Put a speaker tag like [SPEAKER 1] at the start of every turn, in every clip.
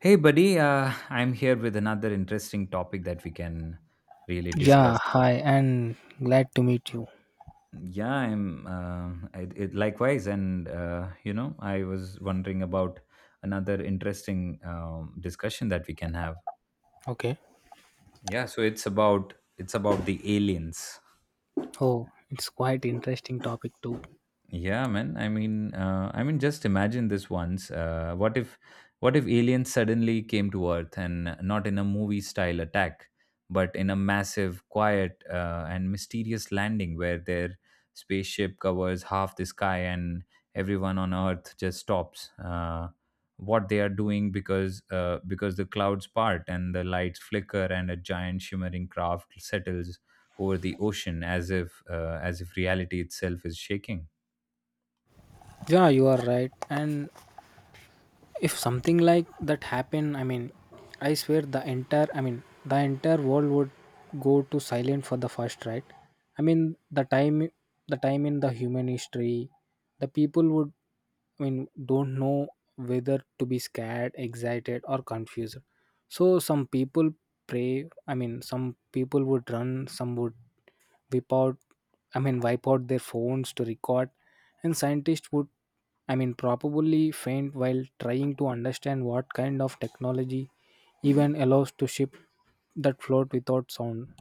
[SPEAKER 1] Hey, buddy, I'm here with another interesting topic that we can really
[SPEAKER 2] Yeah,
[SPEAKER 1] discuss.
[SPEAKER 2] hi, and glad to meet you.
[SPEAKER 1] Likewise, and I was wondering about another interesting discussion that we can have.
[SPEAKER 2] Okay.
[SPEAKER 1] Yeah, so it's about the aliens.
[SPEAKER 2] Oh, it's quite interesting topic too.
[SPEAKER 1] Yeah, man. Just imagine this once. What if aliens suddenly came to Earth and not in a movie-style attack, but in a massive, quiet, and mysterious landing where their spaceship covers half the sky and everyone on Earth just stops what they are doing because the clouds part and the lights flicker and a giant shimmering craft settles over the ocean as if reality itself is shaking.
[SPEAKER 2] Yeah, you are right. And if something like that happen, I mean, I swear the entire, I mean, the entire world would go to silent for the first, right? I mean, the time in the human history, the people would, I mean, don't know whether to be scared, excited, or confused. So some people pray. I mean, some people would run, some would wipe out I mean wipe out their phones to record, and scientists would, I mean, probably faint while trying to understand what kind of technology even allows to ship that float without sound.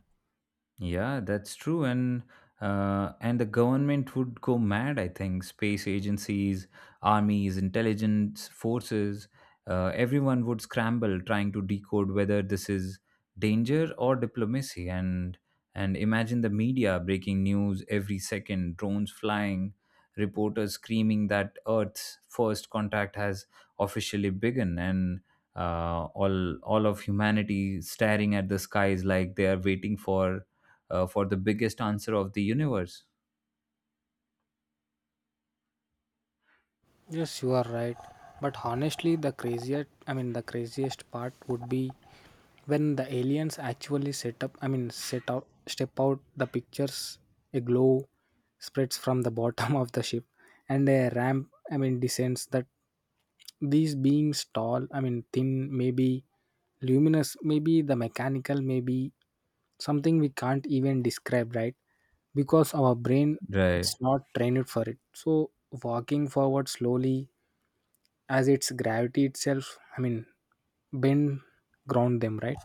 [SPEAKER 1] Yeah, that's true, and the government would go mad. I think space agencies, armies, intelligence forces, everyone would scramble trying to decode whether this is danger or diplomacy. And imagine the media breaking news every second, drones flying, reporters screaming that Earth's first contact has officially begun, and all of humanity staring at the skies like they are waiting for the biggest answer of the universe.
[SPEAKER 2] Yes, you are right, but honestly the craziest I mean the craziest part would be when the aliens actually set up I mean set out, step out the pictures. A glow spreads from the bottom of the ship, and a ramp, I mean, descends that. These beings tall, I mean thin, maybe luminous, maybe the mechanical, maybe something we can't even describe, right? Because our brain,
[SPEAKER 1] Right.
[SPEAKER 2] it's not trained for it. So walking forward slowly as its gravity itself, I mean, bend ground them, right?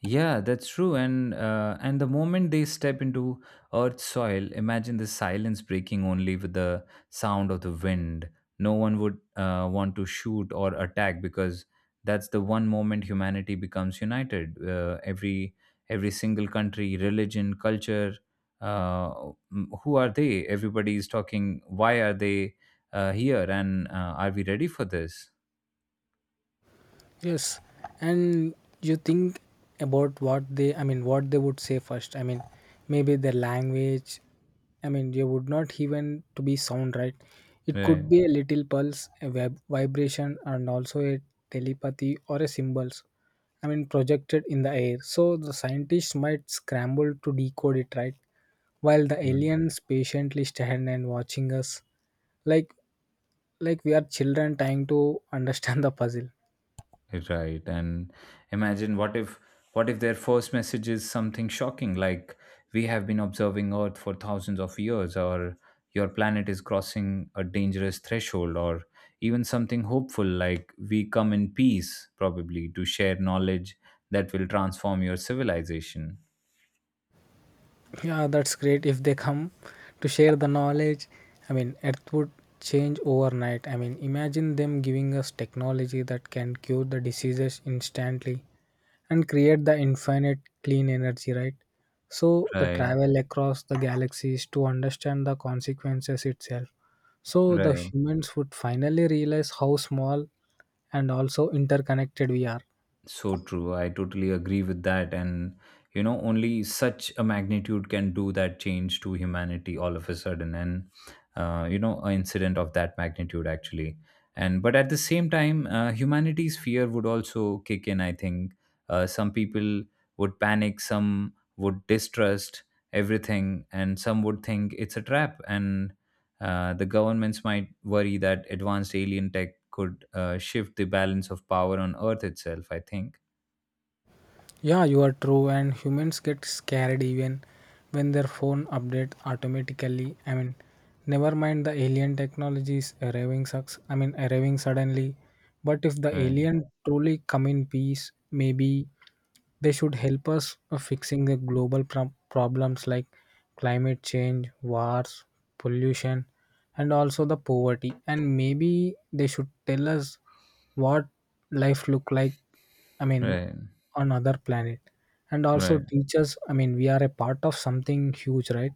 [SPEAKER 1] Yeah, that's true. And the moment they step into Earth's soil, imagine the silence breaking only with the sound of the wind. No one would want to shoot or attack because that's the one moment humanity becomes united. Every single country, religion, culture, m- who are they? Everybody is talking. Why are they here? And Are we ready for this?
[SPEAKER 2] Yes, and you think about I mean, what they would say first. I mean, maybe their language. I mean, you would not even to be sound right. It
[SPEAKER 1] Right.
[SPEAKER 2] could be a little pulse, a web vibration, and also a telepathy or a symbols. I mean, projected in the air. So the scientists might scramble to decode it, right, while the aliens patiently stand and watching us, like like we are children trying to understand the puzzle.
[SPEAKER 1] Right. And imagine what if their first message is something shocking like we have been observing Earth for thousands of years, or your planet is crossing a dangerous threshold, or even something hopeful like we come in peace, probably to share knowledge that will transform your civilization.
[SPEAKER 2] Yeah, that's great if they come to share the knowledge. I mean, Earth would change overnight. I mean, imagine them giving us technology that can cure the diseases instantly and create the infinite clean energy, right? So, the
[SPEAKER 1] Right.
[SPEAKER 2] travel across the galaxies to understand the consequences itself. So, the
[SPEAKER 1] Right.
[SPEAKER 2] humans would finally realize how small and also interconnected we are.
[SPEAKER 1] So true. I totally agree with that. And, you know, only such a magnitude can do that change to humanity all of a sudden. And you know, an incident of that magnitude, actually. And, but at the same time, humanity's fear would also kick in, I think. Some people would panic, some would distrust everything, and some would think it's a trap. And the governments might worry that advanced alien tech could shift the balance of power on Earth itself, I think.
[SPEAKER 2] Yeah, you are true, and humans get scared even when their phone updates automatically. I mean, never mind the alien technologies arriving sucks. I mean, arriving suddenly. But if the
[SPEAKER 1] Right,
[SPEAKER 2] alien truly come in peace, maybe they should help us fixing the global problems like climate change, wars, pollution, and also the poverty. And maybe they should tell us what life look like. I mean,
[SPEAKER 1] right,
[SPEAKER 2] on other planet, and also
[SPEAKER 1] right.
[SPEAKER 2] teach us. I mean, we are a part of something huge, right?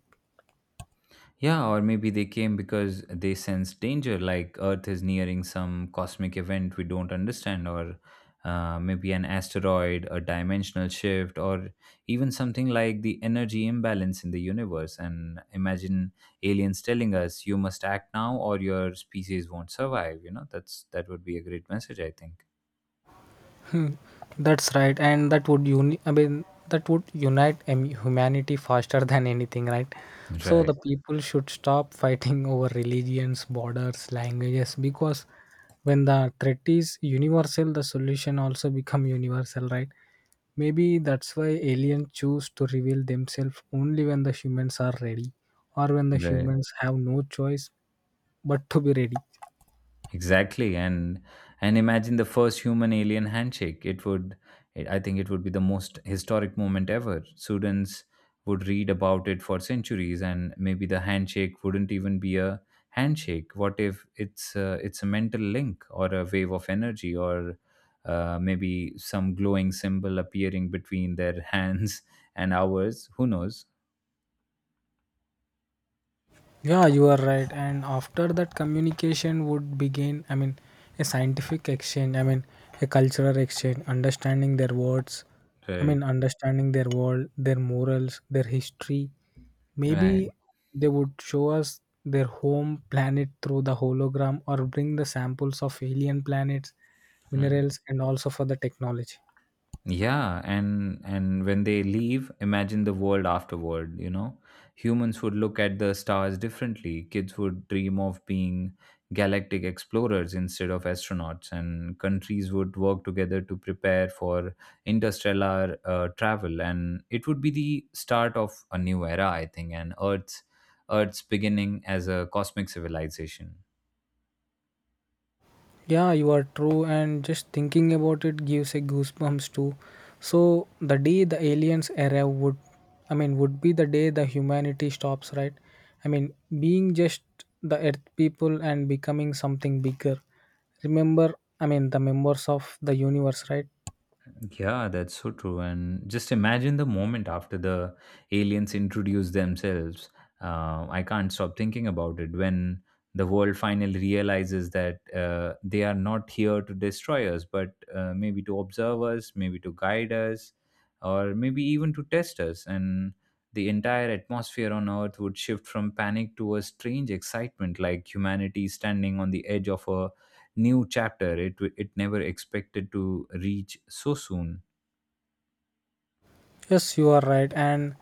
[SPEAKER 1] Yeah, or maybe they came because they sense danger, like Earth is nearing some cosmic event we don't understand, or maybe an asteroid, a dimensional shift, or even something like the energy imbalance in the universe. And imagine aliens telling us, "You must act now, or your species won't survive." You know, that would be a great message, I think.
[SPEAKER 2] Mm, that's right, and that would I mean that would unite humanity faster than anything, right? So
[SPEAKER 1] Right,
[SPEAKER 2] the people should stop fighting over religions, borders, languages, because when the threat is universal, the solution also become universal, right? Maybe that's why aliens choose to reveal themselves only when the humans are ready, or when the
[SPEAKER 1] right.
[SPEAKER 2] humans have no choice but to be ready.
[SPEAKER 1] Exactly, and imagine the first human alien handshake. It would, it, I think, it would be the most historic moment ever. Students would read about it for centuries, and maybe the handshake wouldn't even be a handshake. What if it's a mental link or a wave of energy, or maybe some glowing symbol appearing between their hands and ours? Who knows?
[SPEAKER 2] Yeah, you are right. And after that, communication would begin. I mean, a scientific exchange. I mean, a cultural exchange. Understanding their words. I mean,
[SPEAKER 1] Right.
[SPEAKER 2] understanding their world, their morals, their history. Maybe
[SPEAKER 1] Right.
[SPEAKER 2] they would show us their home planet through the hologram, or bring the samples of alien planets,
[SPEAKER 1] Right.
[SPEAKER 2] minerals, and also for the technology.
[SPEAKER 1] Yeah, and when they leave, imagine the world afterward, you know. Humans would look at the stars differently. Kids would dream of being galactic explorers instead of astronauts, and countries would work together to prepare for interstellar travel. And it would be the start of a new era, I think, and Earth's beginning as a cosmic civilization.
[SPEAKER 2] Yeah, you are true, and just thinking about it gives a goosebumps too. So the day the aliens arrive would, I mean, would be the day the humanity stops, right? I mean, being just the Earth people and becoming something bigger. Remember, I mean, the members of the universe, right?
[SPEAKER 1] Yeah, that's so true. And just imagine the moment after the aliens introduce themselves. I can't stop thinking about it when the world finally realizes that they are not here to destroy us, but maybe to observe us, maybe to guide us, or maybe even to test us. And the entire atmosphere on Earth would shift from panic to a strange excitement, like humanity standing on the edge of a new chapter it never expected to reach so soon.
[SPEAKER 2] Yes, you are right, and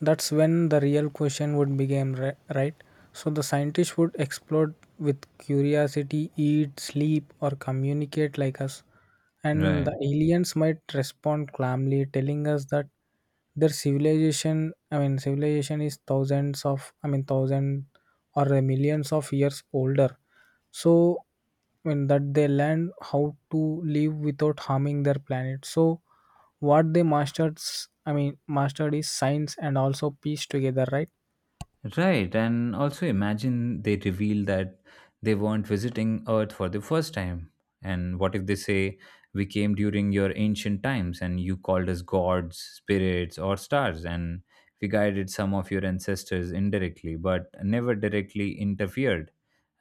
[SPEAKER 2] that's when the real question would begin, right? So the scientist would explode with curiosity, eat, sleep, or communicate like us, and
[SPEAKER 1] Right.
[SPEAKER 2] the aliens might respond calmly, telling us that their civilization, I mean, civilization is thousands of, I mean, thousand or millions of years older. So, I mean, that they learn how to live without harming their planet. So what they I mean mastered is science and also piece together, right.
[SPEAKER 1] Right, and also imagine they reveal that they weren't visiting Earth for the first time. And what if they say, we came during your ancient times and you called us gods, spirits, or stars, and we guided some of your ancestors indirectly, but never directly interfered.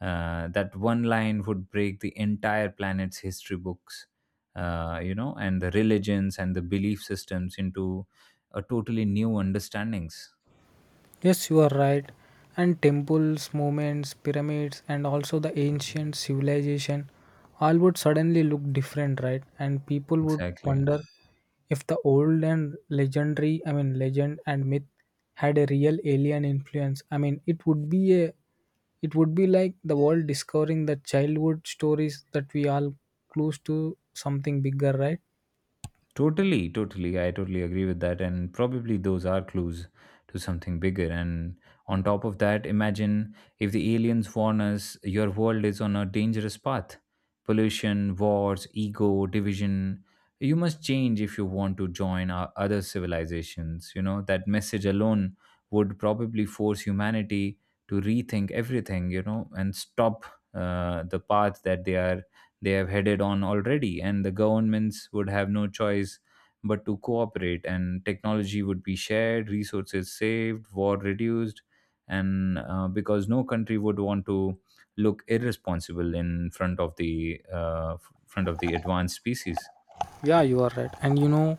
[SPEAKER 1] That one line would break the entire planet's history books, you know, and the religions and the belief systems into a totally new understandings.
[SPEAKER 2] Yes, you are right. And temples, monuments, pyramids, and also the ancient civilization all would suddenly look different, right? And people would
[SPEAKER 1] Exactly.
[SPEAKER 2] wonder if the old and legendary, I mean, legend and myth had a real alien influence. I mean, it would be a, it would be like the world discovering the childhood stories that we all close to something bigger, right?
[SPEAKER 1] Totally, totally. I totally agree with that. And probably those are clues to something bigger. And on top of that, imagine if the aliens warn us your world is on a dangerous path: pollution, wars, ego, division. You must change if you want to join our other civilizations. You know, that message alone would probably force humanity to rethink everything, you know, and stop the path that they have headed on already, and the governments would have no choice but to cooperate, and technology would be shared, resources saved, war reduced, and because no country would want to look irresponsible in front of the front of the advanced species.
[SPEAKER 2] Yeah, you are right. And you know,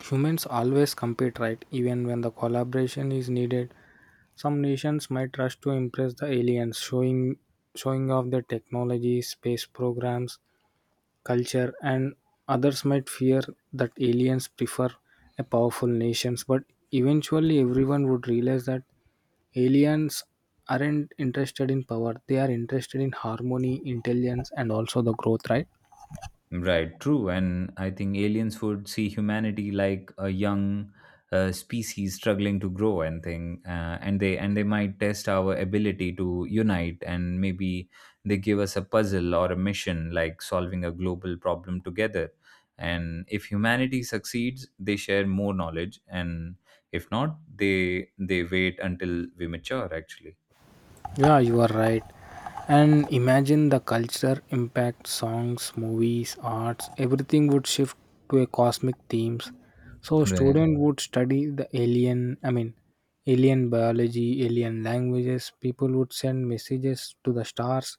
[SPEAKER 2] humans always compete, right? Even when the collaboration is needed, some nations might rush to impress the aliens, showing off their technology, space programs, culture, and others might fear that aliens prefer a powerful nations. But eventually, everyone would realize that aliens aren't interested in power; they are interested in harmony, intelligence, and also the growth, right?
[SPEAKER 1] Right, true. And I think aliens would see humanity like a young species struggling to grow and thing and they might test our ability to unite, and maybe they give us a puzzle or a mission like solving a global problem together. And if humanity succeeds, they share more knowledge, and if not, they wait until we mature actually.
[SPEAKER 2] Yeah, you are right. And imagine the culture impact songs, movies, arts, everything would shift to a cosmic themes. So
[SPEAKER 1] Right.
[SPEAKER 2] student would study the alien, I mean, alien biology, alien languages. People would send messages to the stars,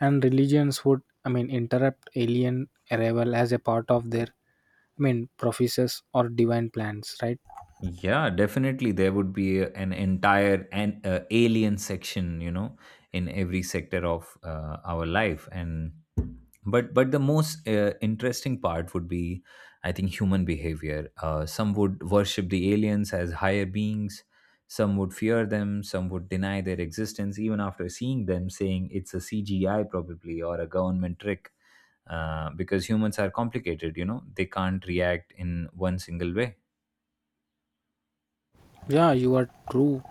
[SPEAKER 2] and religions would, I mean, interrupt alien arrival as a part of their, I mean, prophecies or divine plans, right?
[SPEAKER 1] Yeah, definitely. There would be a- an entire an alien section, you know, in every sector of our life, and but the most interesting part would be, I think, human behavior. Some would worship the aliens as higher beings. Some would fear them. Some would deny their existence even after seeing them, saying it's a CGI probably or a government trick. Because humans are complicated, you know, they can't react in one single way.
[SPEAKER 2] Yeah, you are true.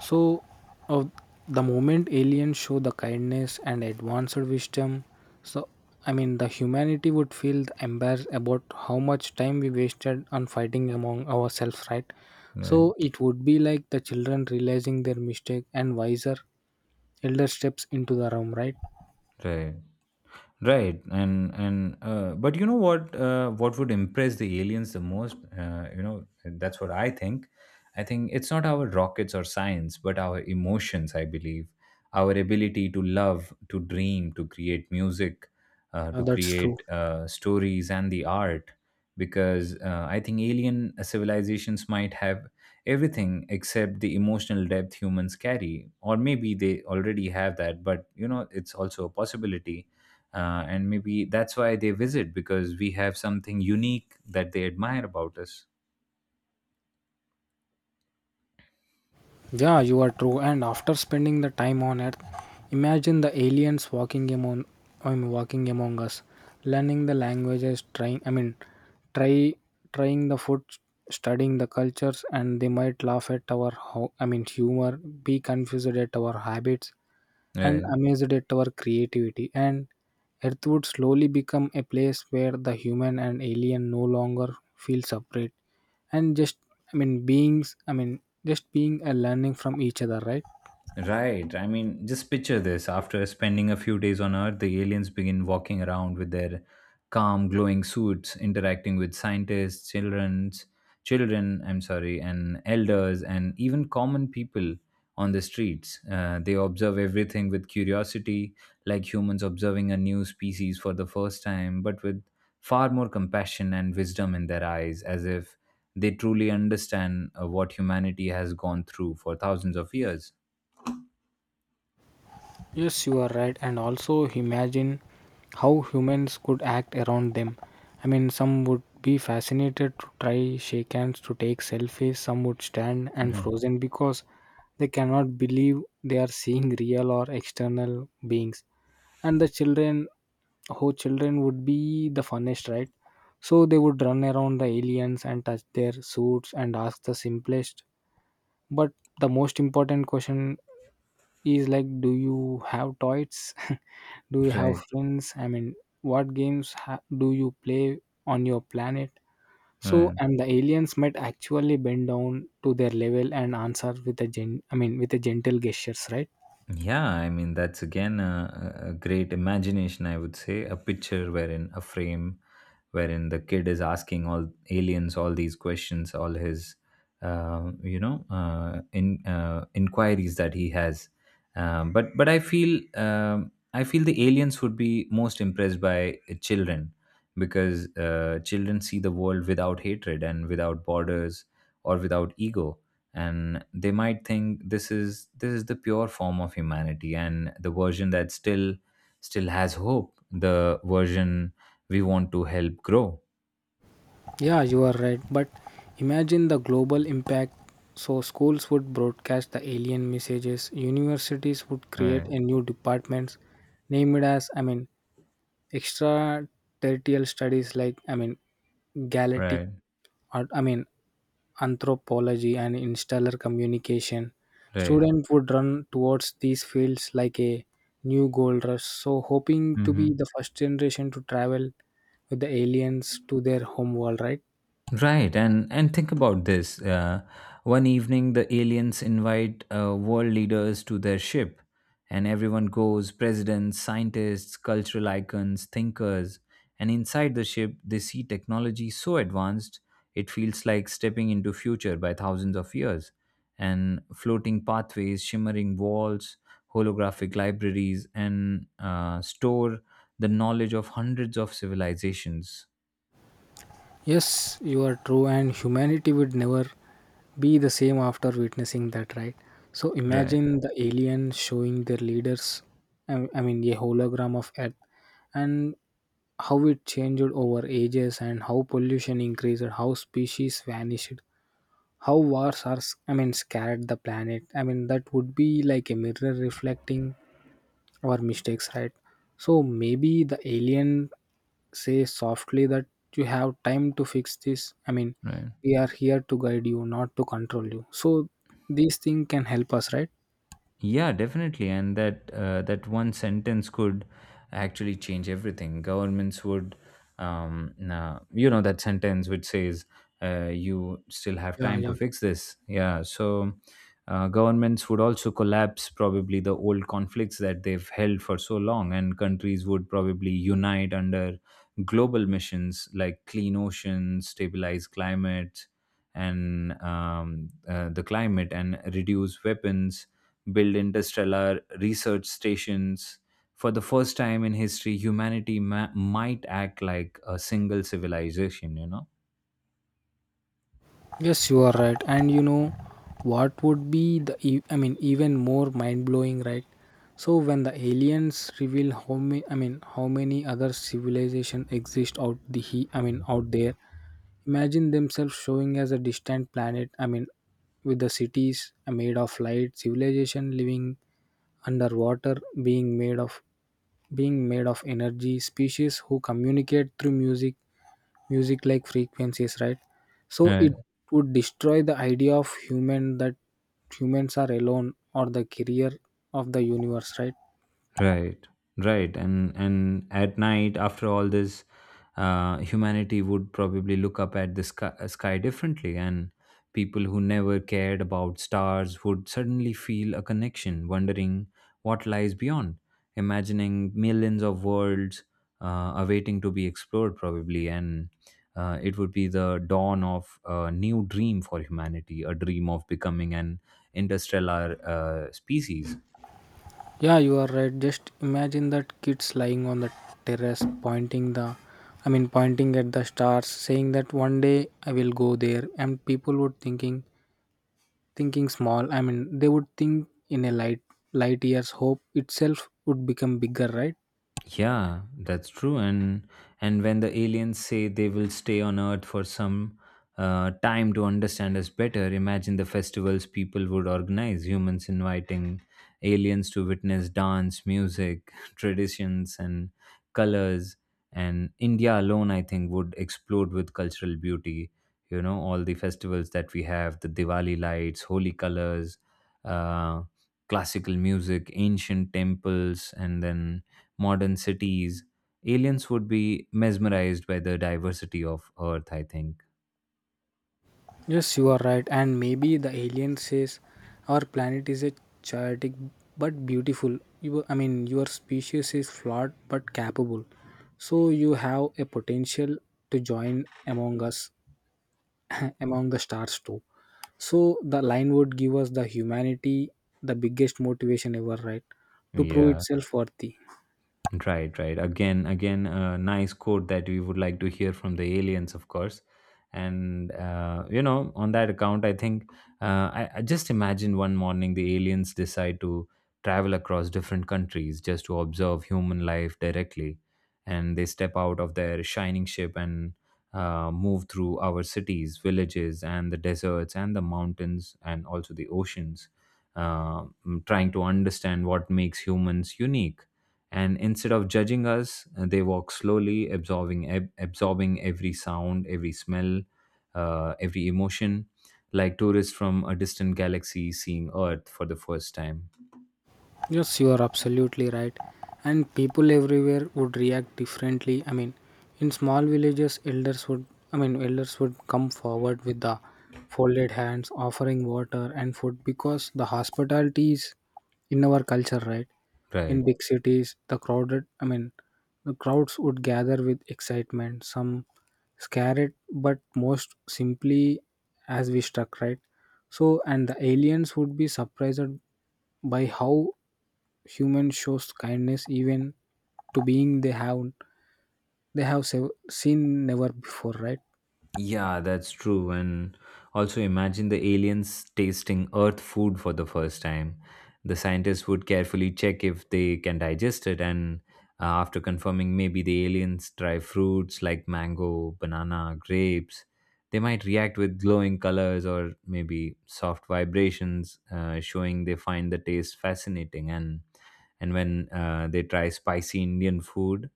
[SPEAKER 2] So, uh, the moment aliens show the kindness and advanced wisdom, so I mean, the humanity would feel embarrassed about how much time we wasted on fighting among ourselves, right?
[SPEAKER 1] Right.
[SPEAKER 2] So, it would be like the children realizing their mistake and wiser elder steps into the room, right?
[SPEAKER 1] Right. Right, and but you know what? What would impress the aliens the most? You know, that's what I think. I think it's not our rockets or science, but our emotions. I believe our ability to love, to dream, to create music, to
[SPEAKER 2] That's true.
[SPEAKER 1] create stories and the art. Because I think alien civilizations might have everything except the emotional depth humans carry, or maybe they already have that. But you know, it's also a possibility, and maybe that's why they visit, because we have something unique that they admire about us.
[SPEAKER 2] Yeah, you are true. And after spending the time on Earth, imagine the aliens walking among, I mean, walking among us, learning the languages, trying, I mean, try trying the food, studying the cultures, and they might laugh at our, I mean, humor, be confused at our habits, and
[SPEAKER 1] uh,
[SPEAKER 2] amazed at our creativity. And Earth would slowly become a place where the human and alien no longer feel separate and just, I mean, beings, I mean, just being and learning from each other, right?
[SPEAKER 1] Right. I mean, just picture this. After spending a few days on Earth, the aliens begin walking around with their calm, glowing suits, interacting with scientists, children, I'm sorry, and elders, and even common people on the streets. They observe everything with curiosity, like humans observing a new species for the first time, but with far more compassion and wisdom in their eyes, as if they truly understand what humanity has gone through for thousands of years.
[SPEAKER 2] Yes, you are right. And also imagine how humans could act around them. I mean, some would be fascinated to try shake hands, to take selfies. Some would stand and frozen because they cannot believe they are seeing real or external beings. And the children, whole children would be the funnest, right? So they would run around the aliens and touch their suits and ask the simplest but the most important question is like, do you have toys? Do you have
[SPEAKER 1] Right.
[SPEAKER 2] friends? I mean, what games do you play on your planet? So,
[SPEAKER 1] Right.
[SPEAKER 2] and the aliens might actually bend down to their level and answer with a gen I mean with a gentle gestures, right.
[SPEAKER 1] Yeah, I mean, that's again a, a great imagination, I would say. A picture wherein a frame wherein the kid is asking all aliens all these questions, all his, you know, in inquiries that he has. But I feel the aliens would be most impressed by children because children see the world without hatred and without borders or without ego, and they might think this is the pure form of humanity, and the version that still has hope, the version we want to help grow.
[SPEAKER 2] Yeah, you are right. But imagine the global impact. So, schools would broadcast the alien messages, universities would create
[SPEAKER 1] Right,
[SPEAKER 2] a new departments named as, I mean, extraterritorial studies like, I mean, galactic,
[SPEAKER 1] right,
[SPEAKER 2] or, I mean, anthropology and interstellar communication.
[SPEAKER 1] right.
[SPEAKER 2] Students would run towards these fields like a new gold rush. So, hoping to be
[SPEAKER 1] Mhm.
[SPEAKER 2] the first generation to travel with the aliens to their home world, right?
[SPEAKER 1] Right, and think about this. One evening, the aliens invite world leaders to their ship, and everyone goes: presidents, scientists, cultural icons, thinkers. And inside the ship, they see technology so advanced it feels like stepping into future by thousands of years. And floating pathways, shimmering walls, holographic libraries, and store the knowledge of hundreds of civilizations.
[SPEAKER 2] Yes, you are true, and humanity would never be the same after witnessing that, right? So
[SPEAKER 1] Right,
[SPEAKER 2] imagine the aliens showing their leaders, I mean, a hologram of Earth, and how it changed over ages, and how pollution increased, how species vanished, how wars are, I mean, scared the planet. I mean, that would be like a mirror reflecting or mistakes, right. So maybe the alien say softly that you have time to fix this. I mean,
[SPEAKER 1] right.
[SPEAKER 2] we are here to guide you, not to control you. So these things can help us, right.
[SPEAKER 1] Yeah, definitely, and that one sentence could actually change everything. Governments would, nah, you know, that sentence which says you still have
[SPEAKER 2] Yeah,
[SPEAKER 1] time
[SPEAKER 2] yeah.
[SPEAKER 1] to fix this. Yeah, so governments would also collapse probably the old conflicts that they've held for so long, and countries would probably unite under global missions like clean oceans, stabilize climate, and the climate, and reduce weapons build interstellar research stations. For the first time in history, humanity might act like a single civilization, you know?
[SPEAKER 2] Yes, you are right. And you know what would be the I mean even more mind blowing, right? So when the aliens reveal how many I mean how many other civilization exist out the he I mean out there. Imagine themselves showing as a distant planet. I mean, with the cities made of light, civilization living underwater, being made of being made of energy, species who communicate through music, like frequencies, right. So it would destroy the idea of human that humans are alone or the career of the universe, right.
[SPEAKER 1] Right, right, and at night, after all this, humanity would probably look up at the sky differently, and people who never cared about stars would suddenly feel a connection, wondering what lies beyond, imagining millions of worlds awaiting to be explored, probably, and it would be the dawn of a new dream for humanity, a dream of becoming an interstellar species.
[SPEAKER 2] Yeah, you are right. Just imagine that kids lying on the terrace pointing the, I mean, pointing at the stars saying that one day I will go there, and people would thinking small. I mean, they would think in a light years, hope itself would become bigger, right?
[SPEAKER 1] Yeah, that's true. And when the aliens say they will stay on Earth for some time to understand us better, imagine the festivals people would organize. Humans inviting aliens to witness dance, music, traditions, and colors. And India alone, I think, would explode with cultural beauty. You know, all the festivals that we have, the Diwali lights, holy colors, uh, classical music, ancient temples, and then modern cities, aliens would be mesmerized by the diversity of Earth, I think.
[SPEAKER 2] Yes, you are right. And maybe the alien says our planet is a chaotic but beautiful. You, I mean your species is flawed but capable. So you have a potential to join among us
[SPEAKER 1] Uh,
[SPEAKER 2] among the stars too. So the line would give us the humanity the biggest motivation ever, right, to prove
[SPEAKER 1] Yeah.
[SPEAKER 2] itself worthy.
[SPEAKER 1] Right, right. Again, a nice quote that we would like to hear from the aliens, of course. And you know, on that account, uh, I just imagine one morning the aliens decide to travel across different countries just to observe human life directly, and they step out of their shining ship and move through our cities, villages, and the deserts and the mountains and also the oceans, uh, trying to understand what makes humans unique, and instead of judging us, they walk slowly, absorbing absorbing every sound, every smell, every emotion, like tourists from a distant galaxy seeing earth for the first time,
[SPEAKER 2] Yes, you are absolutely right. And people everywhere would react differently. I mean, in small villages, elders would, I mean, elders would come forward with the folded hands, offering water and food because the hospitality is in our culture, right?
[SPEAKER 1] right.
[SPEAKER 2] In big cities, the crowded, I mean, the crowds would gather with excitement, some scared, but most simply as we struck, right? So, and the aliens would be surprised by how human shows kindness even to being they have seen never before, right?
[SPEAKER 1] Yeah, that's true. And also imagine the aliens tasting Earth food for the first time. The scientists would carefully check if they can digest it, and after confirming, maybe the aliens try fruits like mango, banana, grapes. They might react with glowing colors or maybe soft vibrations, showing they find the taste fascinating. And when they try spicy Indian food,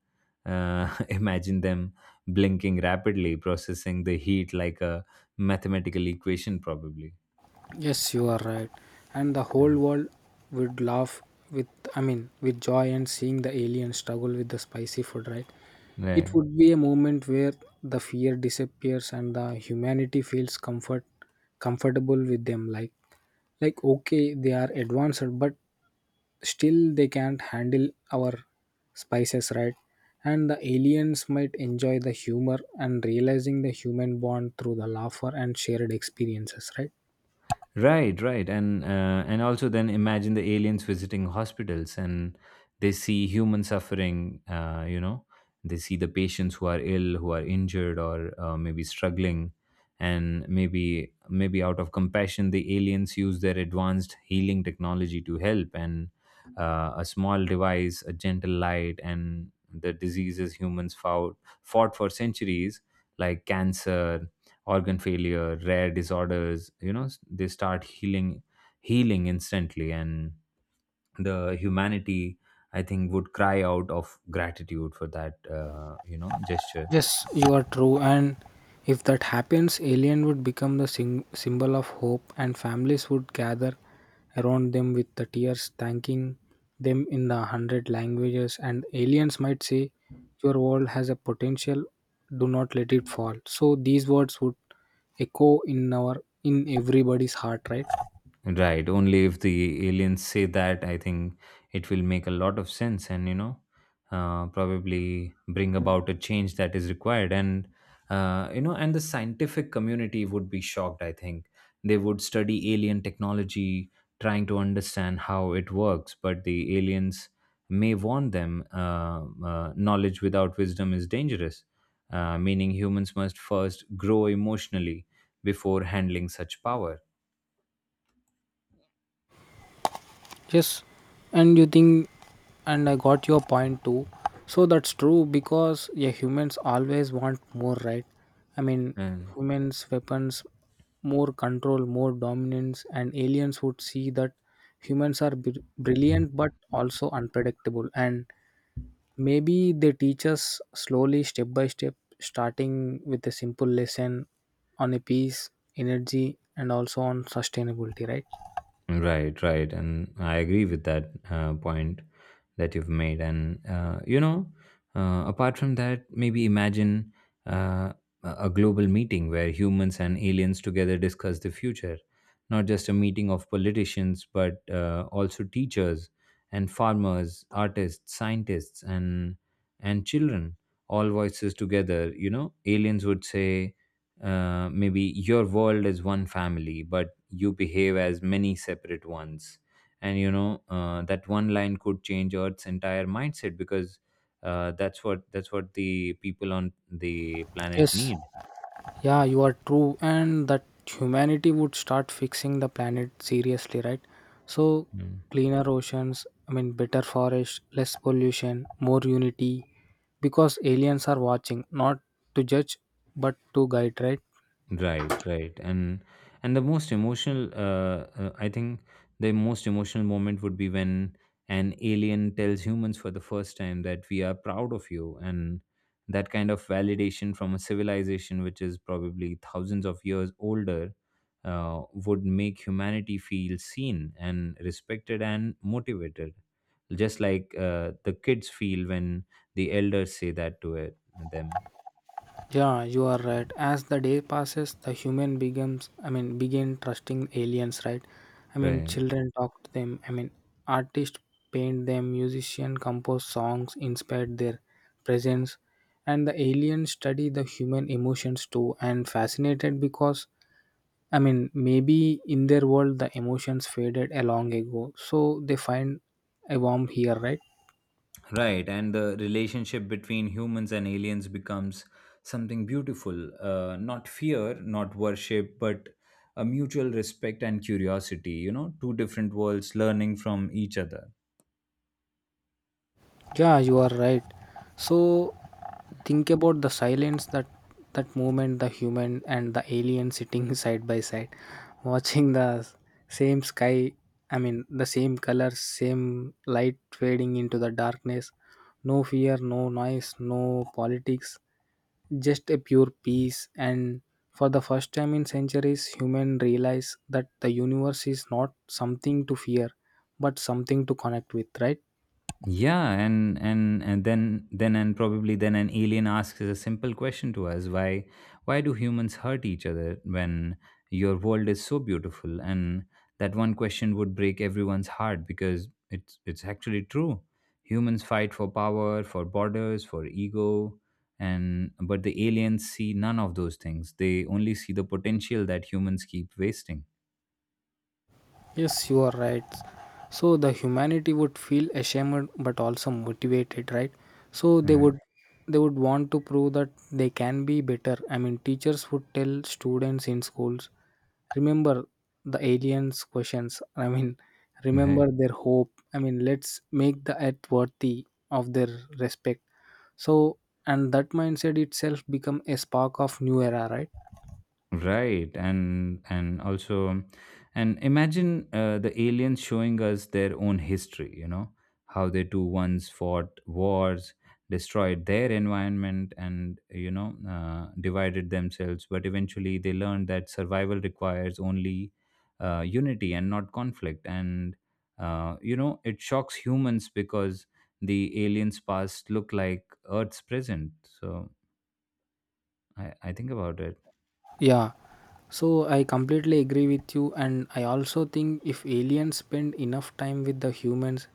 [SPEAKER 1] imagine them blinking rapidly, processing the heat like a mathematical equation, probably.
[SPEAKER 2] Yes, you are right. And the
[SPEAKER 1] Yeah.
[SPEAKER 2] whole world would laugh with, I mean, with joy and seeing the alien struggle with the spicy food, right? It
[SPEAKER 1] Right.
[SPEAKER 2] would be a moment where the fear disappears and the humanity feels comfortable with them, like okay, they are advanced but still they can't handle our spices, right? And the aliens might enjoy the humor and realizing the human bond through the laughter and shared experiences, right?
[SPEAKER 1] Right, right, and also then imagine the aliens visiting hospitals and they see human suffering. You know, they see the patients who are ill, who are injured, or maybe struggling, and maybe out of compassion, the aliens use their advanced healing technology to help. And a small device, a gentle light, and the diseases humans fought for centuries, like cancer, organ failure, rare disorders, you know, s- they start healing instantly, and the humanity, I think, would cry out of gratitude for that, you know, gesture.
[SPEAKER 2] Yes, you are true. And if that happens, alien would become the symbol of hope, and families would gather around them with the tears, thanking them in the hundred languages. And aliens might say, "Your world has a potential. Do not let it fall." So these words would echo in our, in everybody's heart, right?
[SPEAKER 1] Right. Only if the aliens say that, I think it will make a lot of sense, and, you know, probably bring about a change that is required. And, you know, and the scientific community would be shocked, I think. They would study alien technology, trying to understand how it works, but the aliens may warn them, knowledge without wisdom is dangerous, meaning humans must first grow emotionally before handling such power.
[SPEAKER 2] Yes, and you think, and I got your point too. So that's true because, yeah, humans always want more, right? I mean,
[SPEAKER 1] Uh,
[SPEAKER 2] humans weapons, more control, more dominance, and aliens would see that humans are brilliant but also unpredictable, and maybe they teach us slowly, step by step, starting with a simple lesson on a peace, energy, and also on sustainability, right?
[SPEAKER 1] Right, right. And I agree with that, point that you've made. And, you know, apart from that, maybe imagine uh, a global meeting where humans and aliens together discuss the future. Not just a meeting of politicians, but also teachers and farmers, artists, scientists, and children. All voices together. You know, aliens would say, maybe your world is one family, but you behave as many separate ones. And you know, that one line could change Earth's entire mindset, because that's what the people on the planet
[SPEAKER 2] Yes.
[SPEAKER 1] need.
[SPEAKER 2] Yeah, you are true, and that humanity would start fixing the planet seriously, right? So,
[SPEAKER 1] Mm.
[SPEAKER 2] cleaner oceans, I mean, better forest, less pollution, more unity, because aliens are watching, not to judge, but to guide, right?
[SPEAKER 1] Right, right, and the most emotional, I think the most emotional moment would be when an alien tells humans for the first time that we are proud of you, and that kind of validation from a civilization which is probably thousands of years older would make humanity feel seen and respected and motivated, just like the kids feel when the elders say that to it them.
[SPEAKER 2] Yeah, you are right. As the day passes, the human becomes, I mean, begin trusting aliens, right? I mean,
[SPEAKER 1] Right.
[SPEAKER 2] children talk to them. I mean, artists paint them, musicians compose songs inspired their presence, and the aliens study the human emotions too. And fascinated because, I mean, maybe in their world the emotions faded a long ago, so they find a warmth here, right?
[SPEAKER 1] Right, and the relationship between humans and aliens becomes something beautiful. Not fear, not worship, but a mutual respect and curiosity. You know, two different worlds learning from each other.
[SPEAKER 2] Yeah, you are right. So think about the silence that moment, the human and the alien sitting side by side, watching the same sky. I mean, the same color, same light fading into the darkness. No fear, no noise, no politics. Just a pure peace. And for the first time in centuries, human realize that the universe is not something to fear, but something to connect with. Right.
[SPEAKER 1] Yeah, and probably then an alien asks a simple question to us: why do humans hurt each other when your world is so beautiful? And that one question would break everyone's heart, because it's actually true. Humans fight for power, for borders, for ego, and but the aliens see none of those things. They only see the potential that humans keep wasting.
[SPEAKER 2] Yes, you are right. So the humanity would feel ashamed but also motivated, right? So they
[SPEAKER 1] Right.
[SPEAKER 2] would they would want to prove that they can be better. I mean, teachers would tell students in schools, remember the aliens questions. I mean,
[SPEAKER 1] Right,
[SPEAKER 2] remember their hope. I mean, let's make the earth worthy of their respect. So, and that mindset itself become a spark of new era, right?
[SPEAKER 1] Right, and also, and imagine the aliens showing us their own history. You know how they too once fought wars, destroyed their environment, and you know divided themselves. But eventually, they learned that survival requires only unity and not conflict. And you know, it shocks humans because the aliens' past look like Earth's present. So I think about it.
[SPEAKER 2] Yeah, so I completely agree with you, and I also think if aliens spend enough time with the humans,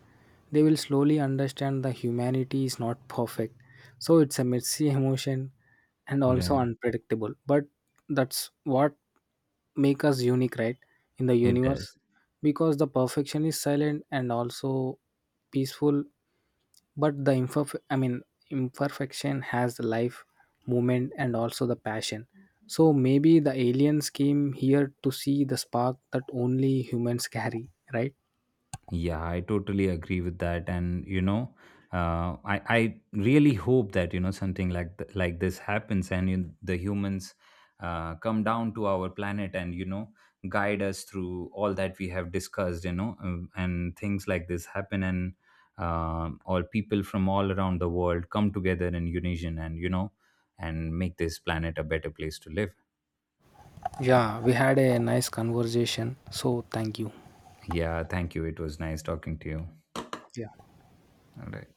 [SPEAKER 2] they will slowly understand that humanity is not perfect. So it's a messy emotion and also
[SPEAKER 1] Then
[SPEAKER 2] unpredictable, but that's what make us unique, right? In the
[SPEAKER 1] it
[SPEAKER 2] universe,
[SPEAKER 1] does.
[SPEAKER 2] because the perfection is silent and also peaceful, but the imperfection has the life, movement and also the passion, so maybe the aliens came here to see the spark that only humans carry, right?
[SPEAKER 1] Yeah, I totally agree with that, and you know, I really hope that, you know, something like like this happens, and you, the humans, come down to our planet and, you know, guide us through all that we have discussed, you know, and things like this happen, and all people from all around the world come together in unison, and, you know, and make this planet a better place to live.
[SPEAKER 2] Yeah, we had a nice conversation, so thank you.
[SPEAKER 1] Yeah, thank you. It was nice talking to you. All right.